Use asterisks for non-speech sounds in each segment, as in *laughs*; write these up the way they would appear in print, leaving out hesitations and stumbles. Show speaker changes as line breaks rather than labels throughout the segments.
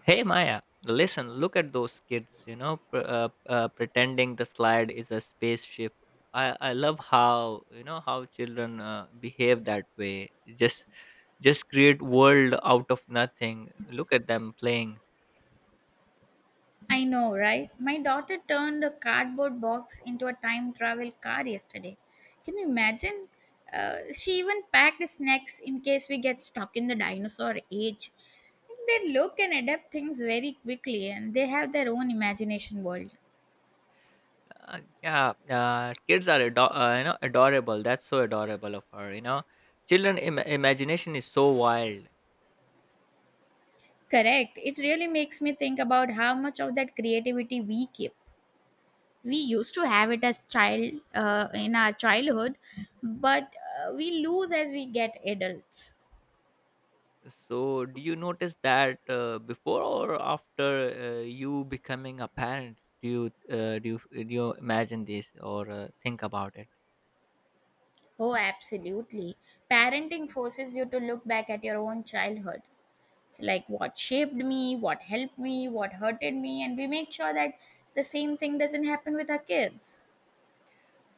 Hey Maya, listen, look at those kids, pretending the slide is a spaceship. I love how you know how children behave that way. Just just create world out of nothing. Look at them playing.
I know, right? My daughter turned a cardboard box into a time travel car yesterday. Can you imagine? She even packed snacks in case we get stuck in the dinosaur age. They look and adapt things very quickly and they have their own imagination world.
Yeah, kids are adorable. That's so adorable of her. Children imagination is so wild.
Correct. It really makes me think about how much of that creativity we keep. We used to have it as child in our childhood, but we lose as we get adults.
So, do you notice that before or after you becoming a parent? Do you do you imagine this or think about it?
Oh, absolutely. Parenting forces you to look back at your own childhood. It's like what shaped me, what helped me, what hurted me, and we make sure that the same thing doesn't happen with our kids.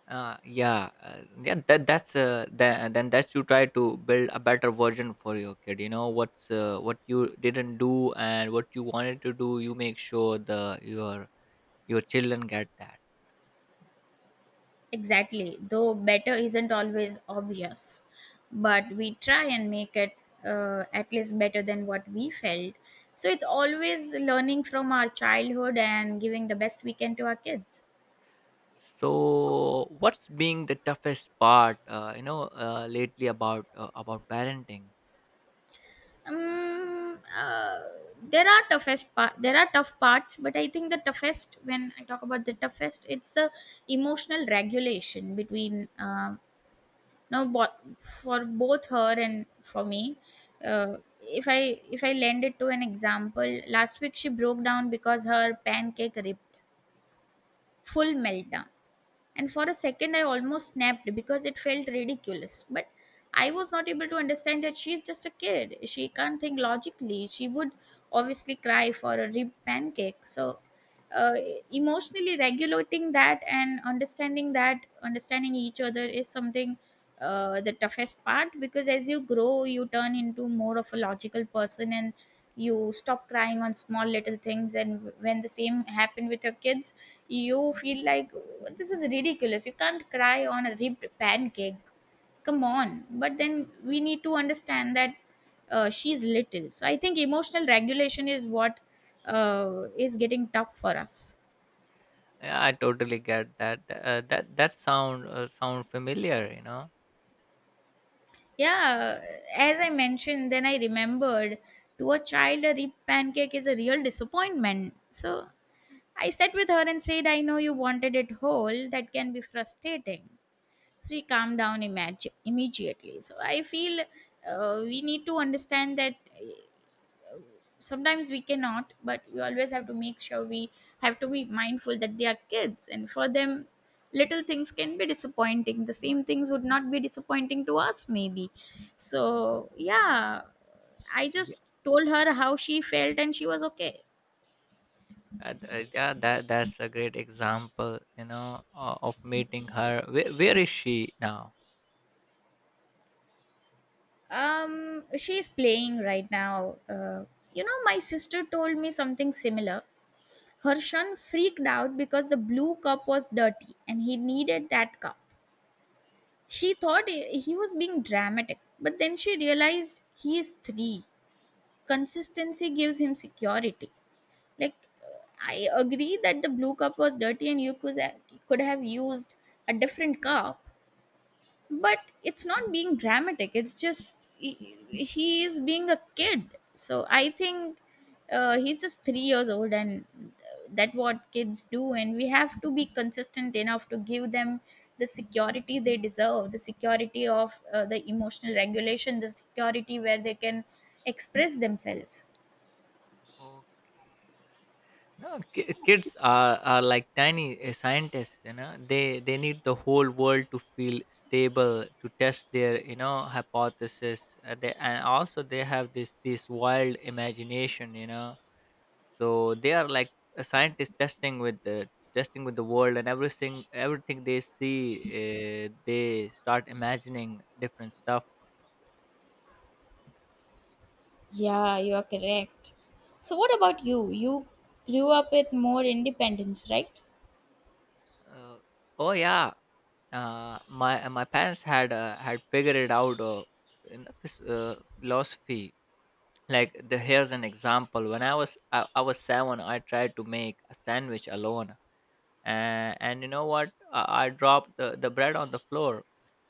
Uh, yeah, uh, yeah. That that's then that's you try to build a better version for your kid. You know what you didn't do and what you wanted to do. You make sure the your children get that.
Exactly. Though better isn't always obvious. But we try and make it at least better than what we felt. So it's always learning from our childhood and giving the best we can to our kids.
So, what's being the toughest part, lately about parenting?
um, uh, there are tough parts, but I think the toughest, when I talk about the toughest, it's the emotional regulation between no bo- for both her and for me. If I lend it to an example, last week she broke down because her pancake ripped. Full meltdown. And for a second I almost snapped because it felt ridiculous, but I was not able to understand that she's just a kid, she can't think logically, she would obviously cry for a rib pancake. So uh, emotionally regulating that and understanding each other is something, the toughest part, because as you grow you turn into more of a logical person and you stop crying on small little things, and when the same happen with your kids you feel like this is ridiculous. You can't cry on a ripped pancake. Come on. But then we need to understand that she's little. So I think emotional regulation is what is getting tough for us.
Yeah, I totally get that. That that sound familiar, you know.
Yeah, as I mentioned, then I remembered, to a child, a rib pancake is a real disappointment. So I sat with her and said, "I know you wanted it whole. That can be frustrating." She calmed down immediately. So I feel we need to understand that sometimes we cannot, but we always have to make sure we have to be mindful that they are kids, and for them little things can be disappointing. The same things would not be disappointing to us, maybe. So yeah, I just told her how she felt and she was okay.
Yeah, that that's a great example, you know, of meeting her. Where is she now?
um she's playing right now. You know, my sister told me something similar. Harshan freaked out because the blue cup was dirty and he needed that cup. She thought he was being dramatic, but then she realized he is three. Consistency gives him security. Like, uh, I agree that the blue cup was dirty and you could have used a different cup, but it's not being dramatic, it's just he is being a kid. So I think he's just 3 years old and that what kids do, and we have to be consistent enough to give them the security they deserve, the security of the emotional regulation, the security where they can express themselves.
Oh, no, kids are like tiny scientists. You know, they need the whole world to feel stable to test their you know hypothesis. They and also they have this wild imagination. You know, so they are like a scientist testing with the world and everything they see they start imagining different stuff.
Yeah, you are correct. So, what about you? You grew up with more independence, right?
Uh, oh yeah, my parents had figured it out in philosophy. Like the, here's an example. When I was seven, I tried to make a sandwich alone, and you know what? I dropped the bread on the floor,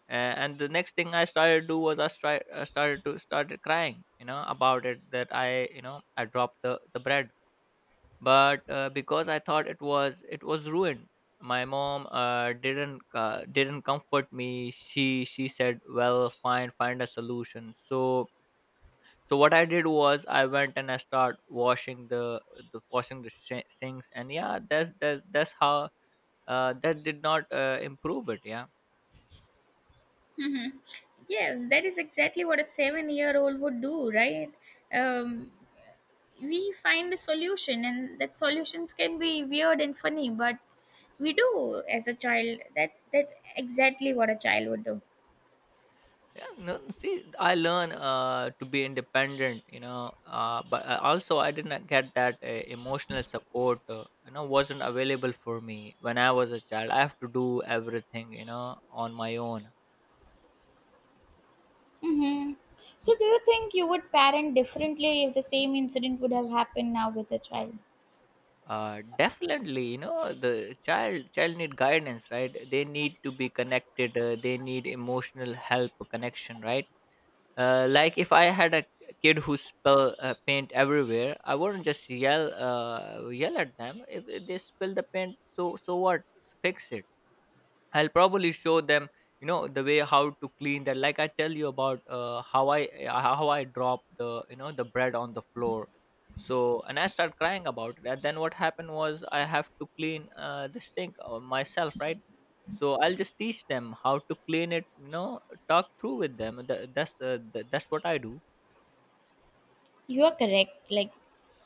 and the next thing I started to do was I started crying. You know about it that I you know I dropped the bread, but because I thought it was ruined. My mom didn't comfort me. She said, well fine, find a solution. So so what I did was I went and I start washing the washing the sinks. And yeah, that's how that did not improve it. Yeah.
Hmm. Yes, that is exactly what a 7 year old would do, right? Um, we find a solution, and that solutions can be weird and funny, but we do as a child. That's exactly what a child would do.
Yeah, no, see, I learn to be independent, you know. But also I didn't get that emotional support, you know, wasn't available for me when I was a child. I have to do everything, you know, on my own.
Mm-hmm. So, do you think you would parent differently if the same incident would have happened now with a child?
Definitely, you know, the child need guidance, right? They need to be connected. They need emotional help connection, right? Like if I had a kid who spill paint everywhere, I wouldn't just yell at them. If they spill the paint, so so what? Fix it. I'll probably show them, you know, the way how to clean that. Like I tell you about how I drop the you know the bread on the floor. So and I start crying about it. And then what happened was I have to clean this thing myself, right? So I'll just teach them how to clean it. You know, talk through with them. That's what I do.
You are correct. Like,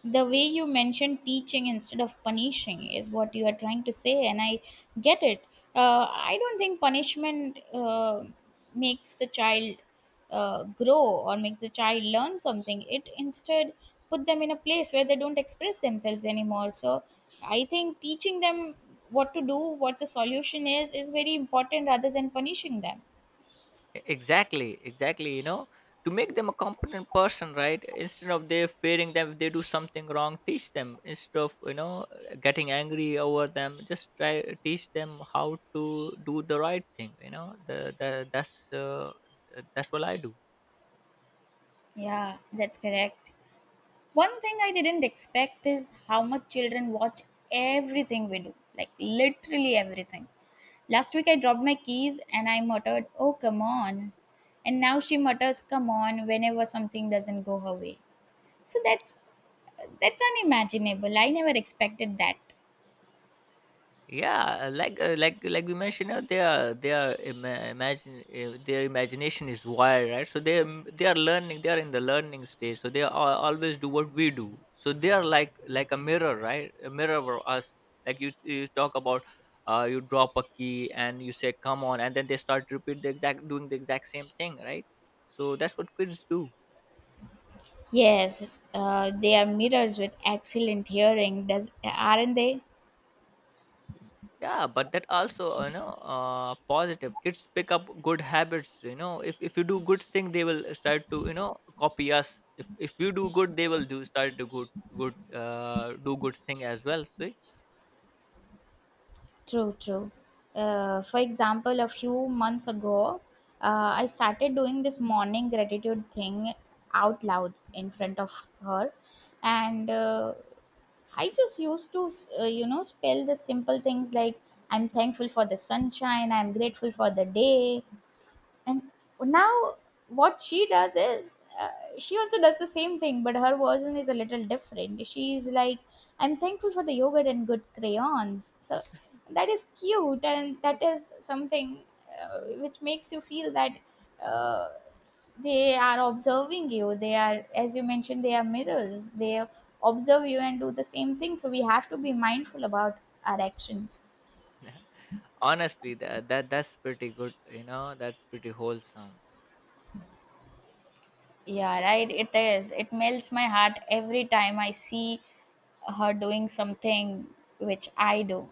the way you mentioned, teaching instead of punishing is what you are trying to say, and I get it. I don't think punishment makes the child grow or makes the child learn something. It instead put them in a place where they don't express themselves anymore. So I think teaching them what to do, what the solution is very important rather than punishing them.
E- exactly, exactly, you know, to make them a competent person, right? Instead of they fearing them if they do something wrong, teach them. Instead of, you know, getting angry over them, just try teach them how to do the right thing, you know. The that's what I do.
Yeah, that's correct. One thing I didn't expect is how much children watch everything we do, like literally everything. Last week I dropped my keys and I muttered, "Oh, come on." And now she mutters, "Come on," whenever something doesn't go her way. So that's unimaginable. I never expected that.
Yeah, like we mentioned, their imagination is wild, right? So they are learning. They are in the learning stage, so they always do what we do. So they are like a mirror, right? A mirror for us. Like you talk about, uh, you drop a key and you say come on, and then they start to repeat the exact doing the exact same thing, right? So that's what kids do.
Yes, they are mirrors with excellent hearing, does, aren't they?
Yeah, but that also, you know, positive kids pick up good habits, you know. If you do good thing, they will start to you know copy us. If you do good, they will do start to good good, do good thing as well, see.
True, true. For example, a few months ago, I started doing this morning gratitude thing out loud in front of her. And I just used to, you know, spell the simple things like, "I'm thankful for the sunshine, I'm grateful for the day," and now what she does is she also does the same thing, but her version is a little different. She's like, "I'm thankful for the yogurt and good crayons." So that is cute, and that is something which makes you feel that uh, they are observing you. They are, as you mentioned, they are mirrors. They observe you and do the same thing, so we have to be mindful about our actions.
*laughs* Honestly, that that's pretty good, you know. That's pretty wholesome.
Yeah, right. It is. It melts my heart every time I see her doing something which I do.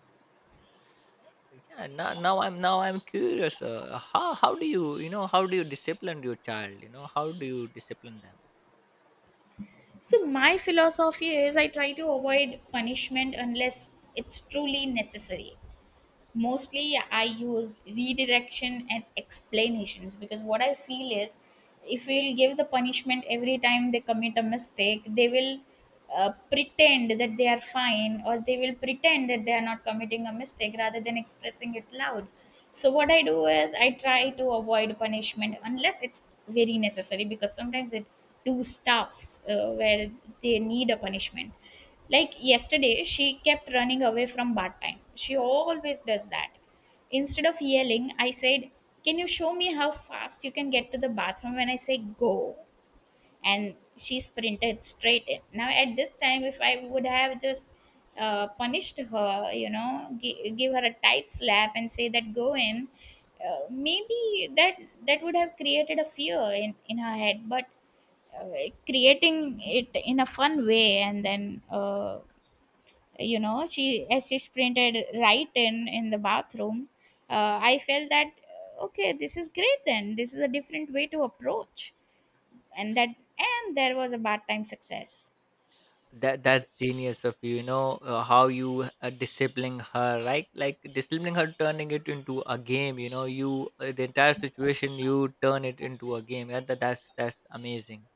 Yeah, now I'm curious, how do you you know how do you discipline your child? You know, how do you discipline them?
So, my philosophy is I try to avoid punishment unless it's truly necessary. Mostly I use redirection and explanations, because what I feel is if we'll give the punishment every time they commit a mistake, they will pretend that they are fine, or they will pretend that they are not committing a mistake rather than expressing it loud. So what I do is I try to avoid punishment unless it's very necessary, because sometimes it do stuffs where they need a punishment. Like yesterday, she kept running away from bath time. She always does that. Instead of yelling, I said, "Can you show me how fast you can get to the bathroom when I say go?" And she sprinted straight in. Now, at this time, if I would have just punished her, you know, give her a tight slap and say that go in, maybe that would have created a fear in her head. But uh, creating it in a fun way, and then you know, she, as she sprinted right in the bathroom, I felt that okay, this is great, then this is a different way to approach. And that, and there was a bad time success.
That that's genius of you, you know, how you disciplining her, right? Like disciplining her, turning it into a game. You know, you the entire situation, you turn it into a game. Yeah, that's amazing.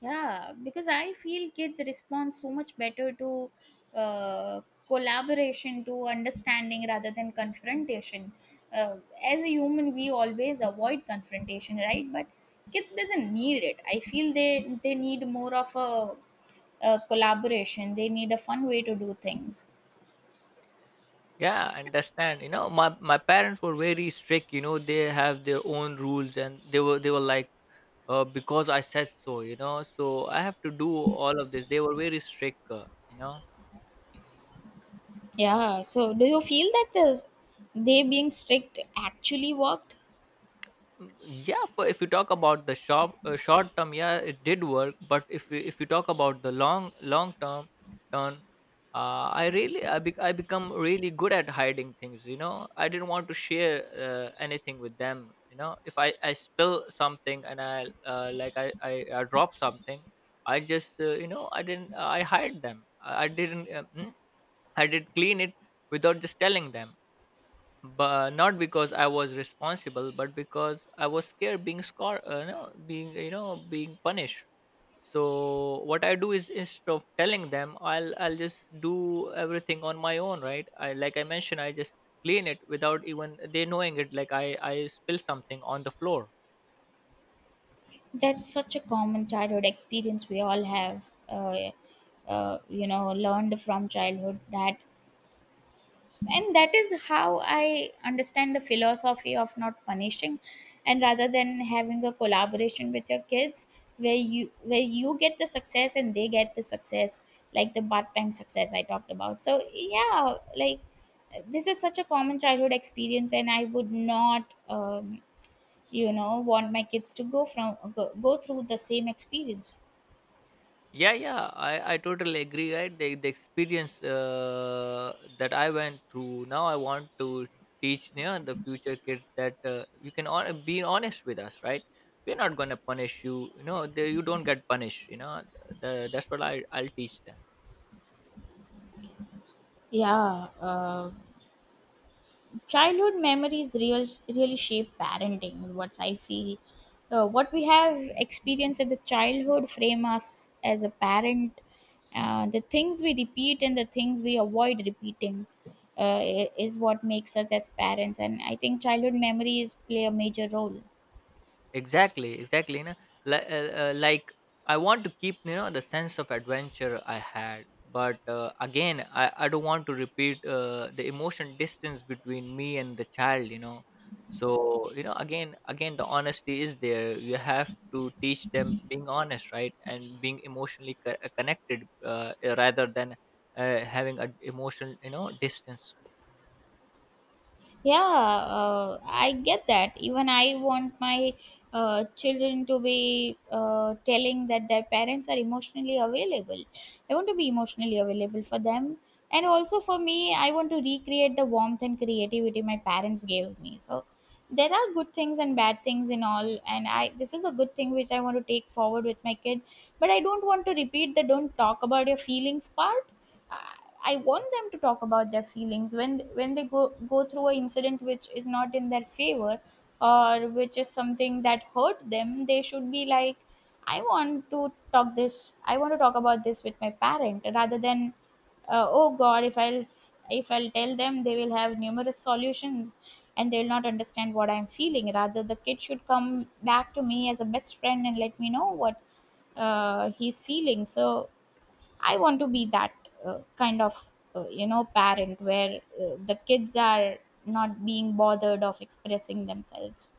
Yeah, because I feel kids respond so much better to uh, collaboration, to understanding rather than confrontation. Uh, as a human, we always avoid confrontation, right? But kids doesn't need it. I feel they need more of a collaboration. They need a fun way to do things.
Yeah, I understand, you know, my parents were very strict, you know. They have their own rules, and they were like, because I said so, you know, so I have to do all of this. They were very strict, you know.
Yeah. So, do you feel that this, they being strict, actually worked?
Mm, yeah, for if you talk about the short term, yeah, it did work. But if you talk about the long term turn, I become really good at hiding things, you know. I didn't want to share anything with them, you know. If I I spill something and I I drop something, I just you know, I didn't I hide them. I didn't I did clean it without just telling them, but not because I was responsible, but because I was scared being scar, no, being you know being punished. So what I do is instead of telling them, I'll just do everything on my own, right? I, like I mentioned, I just clean it without even they knowing it. Like I spill something on the floor.
That's such a common childhood experience we all have, uh, you know, learned from childhood that, and that is how I understand the philosophy of not punishing, and rather than having a collaboration with your kids where you, where you get the success and they get the success, like the part-time success I talked about. So yeah, like this is such a common childhood experience, and I would not. You know, want my kids to go from go through the same experience.
Yeah, yeah, I totally agree. Right, the experience that I went through. Now I want to teach, you know, the future kids that you can be honest with us. Right, we're not gonna punish you. You know, they, you don't get punished. You know, that's what I'll teach them.
Yeah, childhood memories real, really shape parenting. What I feel, what we have experienced at the childhood frame us as a parent. The things we repeat and the things we avoid repeating is what makes us as parents. And I think childhood memories play a major role.
Exactly, exactly, you know, like, I want to keep, you know, the sense of adventure I had. But again, I don't want to repeat the emotion distance between me and the child, you know. So you know, again, again, the honesty is there. You have to teach them being honest, right? And being emotionally connected, rather than having an emotional you know distance.
Yeah, I get that. Even I want my children to be telling that their parents are emotionally available. I want to be emotionally available for them. And also for me, I want to recreate the warmth and creativity my parents gave me. So there are good things and bad things in all. And I, this is a good thing which I want to take forward with my kid. But I don't want to repeat the "don't talk about your feelings" part. I want them to talk about their feelings when they go through a incident which is not in their favor, or which is something that hurt them. They should be like, I want to talk this. I want to talk about this with my parent rather than oh God, if I'll tell them, they will have numerous solutions and they'll not understand what I'm feeling. Rather, the kid should come back to me as a best friend and let me know what he's feeling. So I want to be that kind of you know, parent where the kids are not being bothered of expressing themselves.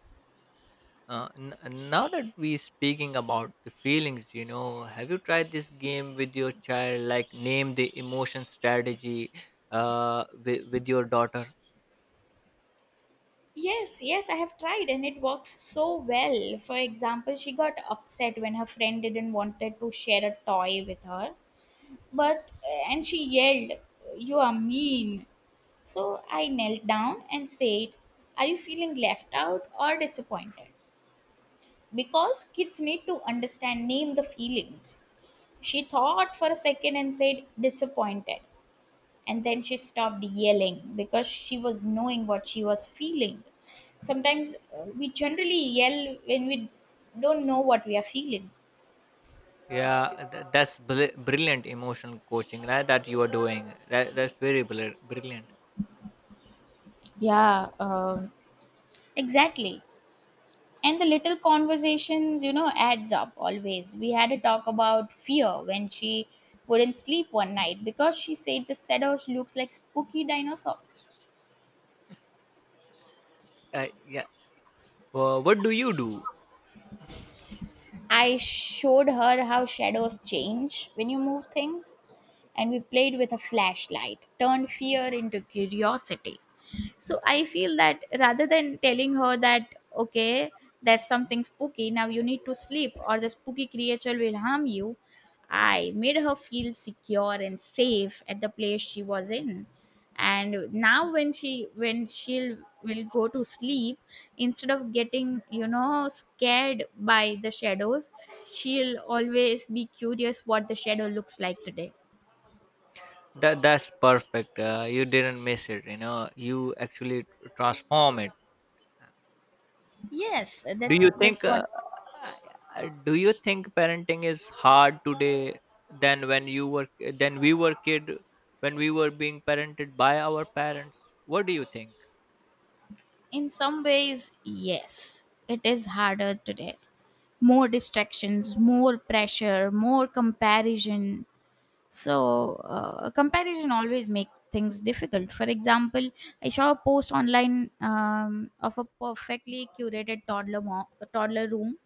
Now that we speaking about the feelings, you know, have you tried this game with your child, like name the emotion strategy, with your daughter?
Yes, I have tried and it works so well. For example, she got upset when her friend didn't wanted to share a toy with her. But and she yelled, "You are mean." So I knelt down and said, are you feeling left out or disappointed? Because kids need to understand, name the feelings. She thought for a second and said, disappointed. And then she stopped yelling because she was knowing what she was feeling. Sometimes we generally yell when we don't know what we are feeling.
Yeah, that's brilliant emotional coaching, right? That you are doing. That's very brilliant.
Yeah, exactly. And the little conversations, adds up always. We had a talk about fear when she wouldn't sleep one night because she said the shadows looks like spooky dinosaurs.
Yeah. Well, what do you do?
I showed her how shadows change when you move things, and we played with a flashlight, turned fear into curiosity. So I feel that rather than telling her that, okay, there's something spooky, now you need to sleep or the spooky creature will harm you, I made her feel secure and safe at the place she was in. And now when she'll will go to sleep, instead of getting, scared by the shadows, she'll always be curious what the shadow looks like today.
That that's perfect. You didn't miss it. You know, you actually transform it.
Yes,
Do
that's
you
that's
think
what.
do you think parenting is hard today than when you were than we were kid when we were being parented by our parents? What do you think?
In some ways, yes, it is harder today. More distractions, more pressure, more comparison. So, comparison always makes things difficult. For example, I saw a post online of a perfectly curated toddler room.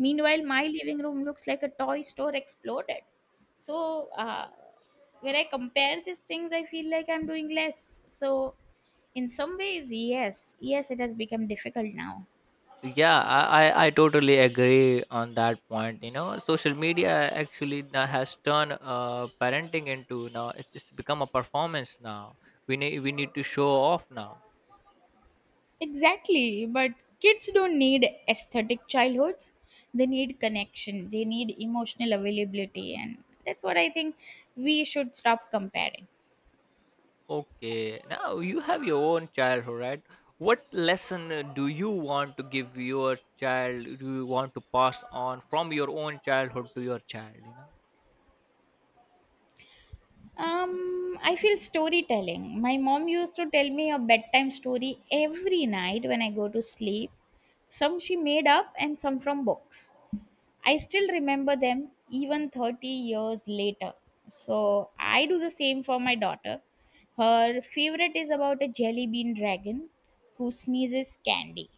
Meanwhile, my living room looks like a toy store exploded. So, when I compare these things, I feel like I'm doing less. So, in some ways, yes, it has become difficult now.
Yeah, I totally agree on that point. You know, social media actually now has turned parenting into, now it's become a performance now. We need to show off now.
Exactly, but kids don't need aesthetic childhoods. They need connection, they need emotional availability, and that's what I think we should stop comparing.
Okay, now you have your own childhood, right? What lesson do you want to give your child? Do you want to pass on from your own childhood to your child? You know,
I feel storytelling. My mom used to tell me a bedtime story every night when I go to sleep. Some she made up and some from books. I still remember them even 30 years later. So I do the same for my daughter. Her favorite is about a jelly bean dragon who sneezes candy.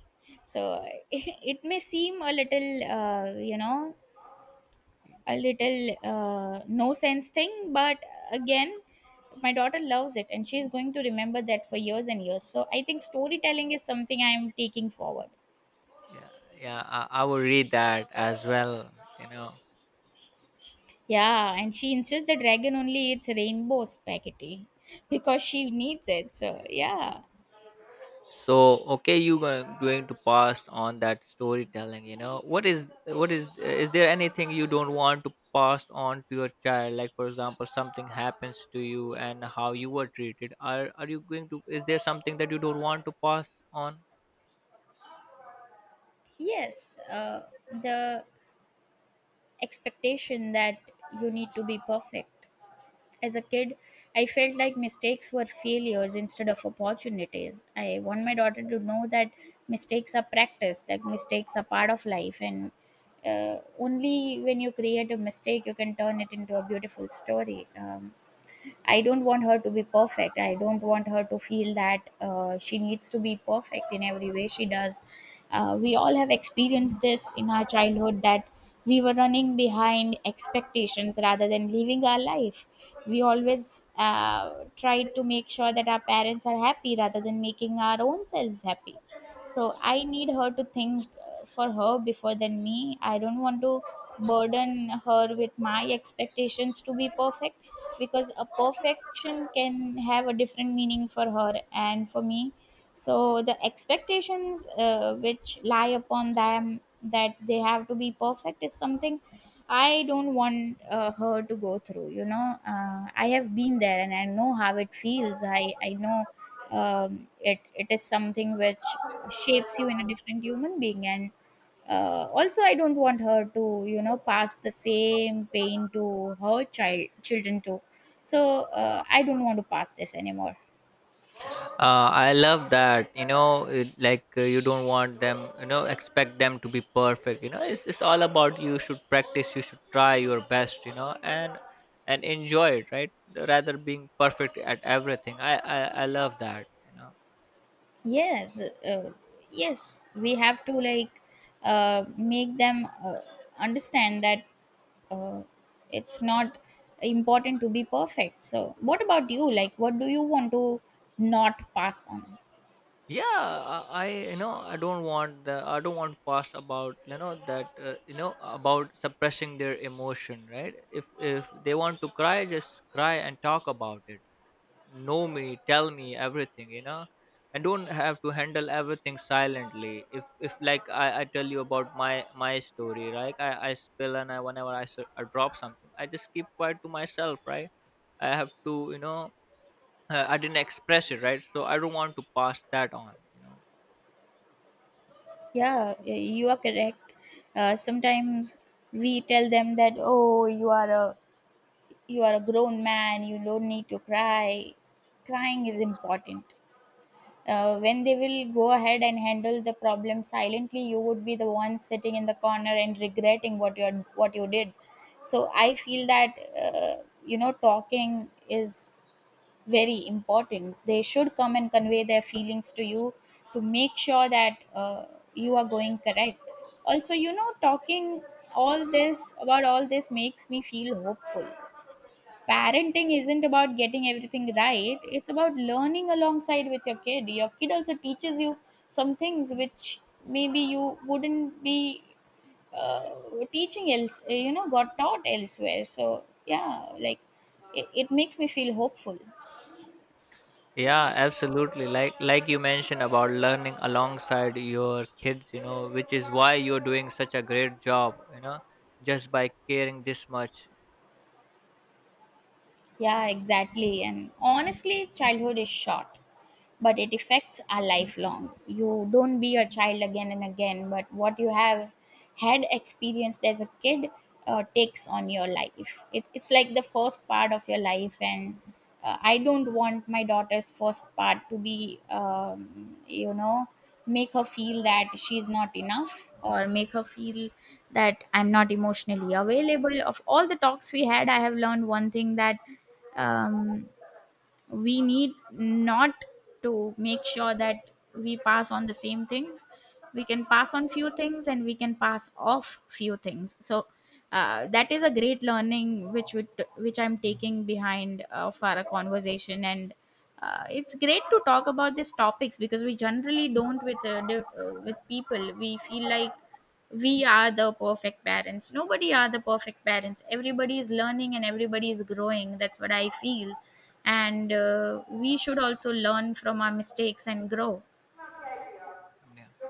So *laughs* it may seem a little, a little no sense thing, but again, my daughter loves it and she's going to remember that for years and years. So I think storytelling is something I am taking forward.
yeah, yeah, I will read that as well. You know,
Yeah, and she insists the dragon only eats rainbow spaghetti because she needs it. So, yeah.
so okay, you going to pass on that storytelling, you know. What is what is there anything you don't want to pass on to your child, like for example, something happens to you and how you were treated? Are you going to, is there something that you don't want to pass on?
Yes, the expectation that you need to be perfect. As a kid, I felt like mistakes were failures instead of opportunities. I want my daughter to know that mistakes are practice, that mistakes are part of life, and only when you create a mistake, you can turn it into a beautiful story. I don't want her to be perfect. I don't want her to feel that she needs to be perfect in every way she does. We all have experienced this in our childhood that we were running behind expectations rather than living our life. We always tried to make sure that our parents are happy rather than making our own selves happy. So I need her to think for her before than me. I don't want to burden her with my expectations to be perfect, because a perfection can have a different meaning for her and for me. So the expectations which lie upon them that they have to be perfect is something I don't want her to go through. I have been there and I know how it feels. I know. It is something which shapes you in a different human being, and also, I don't want her to, pass the same pain to her child children too. So I don't want to pass this anymore.
I love that. You know, it, like you don't want them, you know, expect them to be perfect. You know, it's all about you should practice, you should try your best, you know, and enjoy it, right? Rather being perfect at everything. I love that. You know.
Yes, yes, we have to like make them understand that uh, it's not important to be perfect. So, what about you? Like, what do you want to not pass on?
Yeah, I you know, I don't want the I don't want past about you know that you know about suppressing their emotion, right? If they want to cry, just cry and talk about it. Know, me, tell me everything, you know, and don't have to handle everything silently if like I tell you about my my story, right? I spill and I whenever I drop something, I just keep quiet to myself, right? I have to you know I didn't express it, right? So I don't want to pass that on, you know.
Yeah, you are correct. Sometimes we tell them that, oh, you are a grown man, you don't need to cry. Crying is important. When they will go ahead and handle the problem silently, you would be the one sitting in the corner and regretting what you did. So I feel that uh, talking is very important. They should come and convey their feelings to you, to make sure that uh, you are going correct. Also, talking all this makes me feel hopeful. Parenting isn't about getting everything right. It's about learning alongside with your kid. Your kid also teaches you some things which maybe you wouldn't be uh, teaching else got taught elsewhere. So yeah, like, it makes me feel hopeful.
Yeah, absolutely. Like you mentioned, about learning alongside your kids, you know, which is why you're doing such a great job, you know, just by caring this much.
Yeah, exactly, and honestly, childhood is short, but it effects are lifelong. You don't be a child again and again, but what you have had experienced as a kid takes on your life. It's like the first part of your life, and I don't want my daughter's first part to be, make her feel that she's not enough or make her feel that I'm not emotionally available. Of all the talks we had, I have learned one thing: that um, we need not to make sure that we pass on the same things. We can pass on few things and we can pass off few things. So that is a great learning which would which I'm taking behind for a conversation. And it's great to talk about these topics because we generally don't with with people. We feel like we are the perfect parents. Nobody are the perfect parents. Everybody is learning and everybody is growing. That's what I feel. And we should also learn from our mistakes and grow.
Yeah.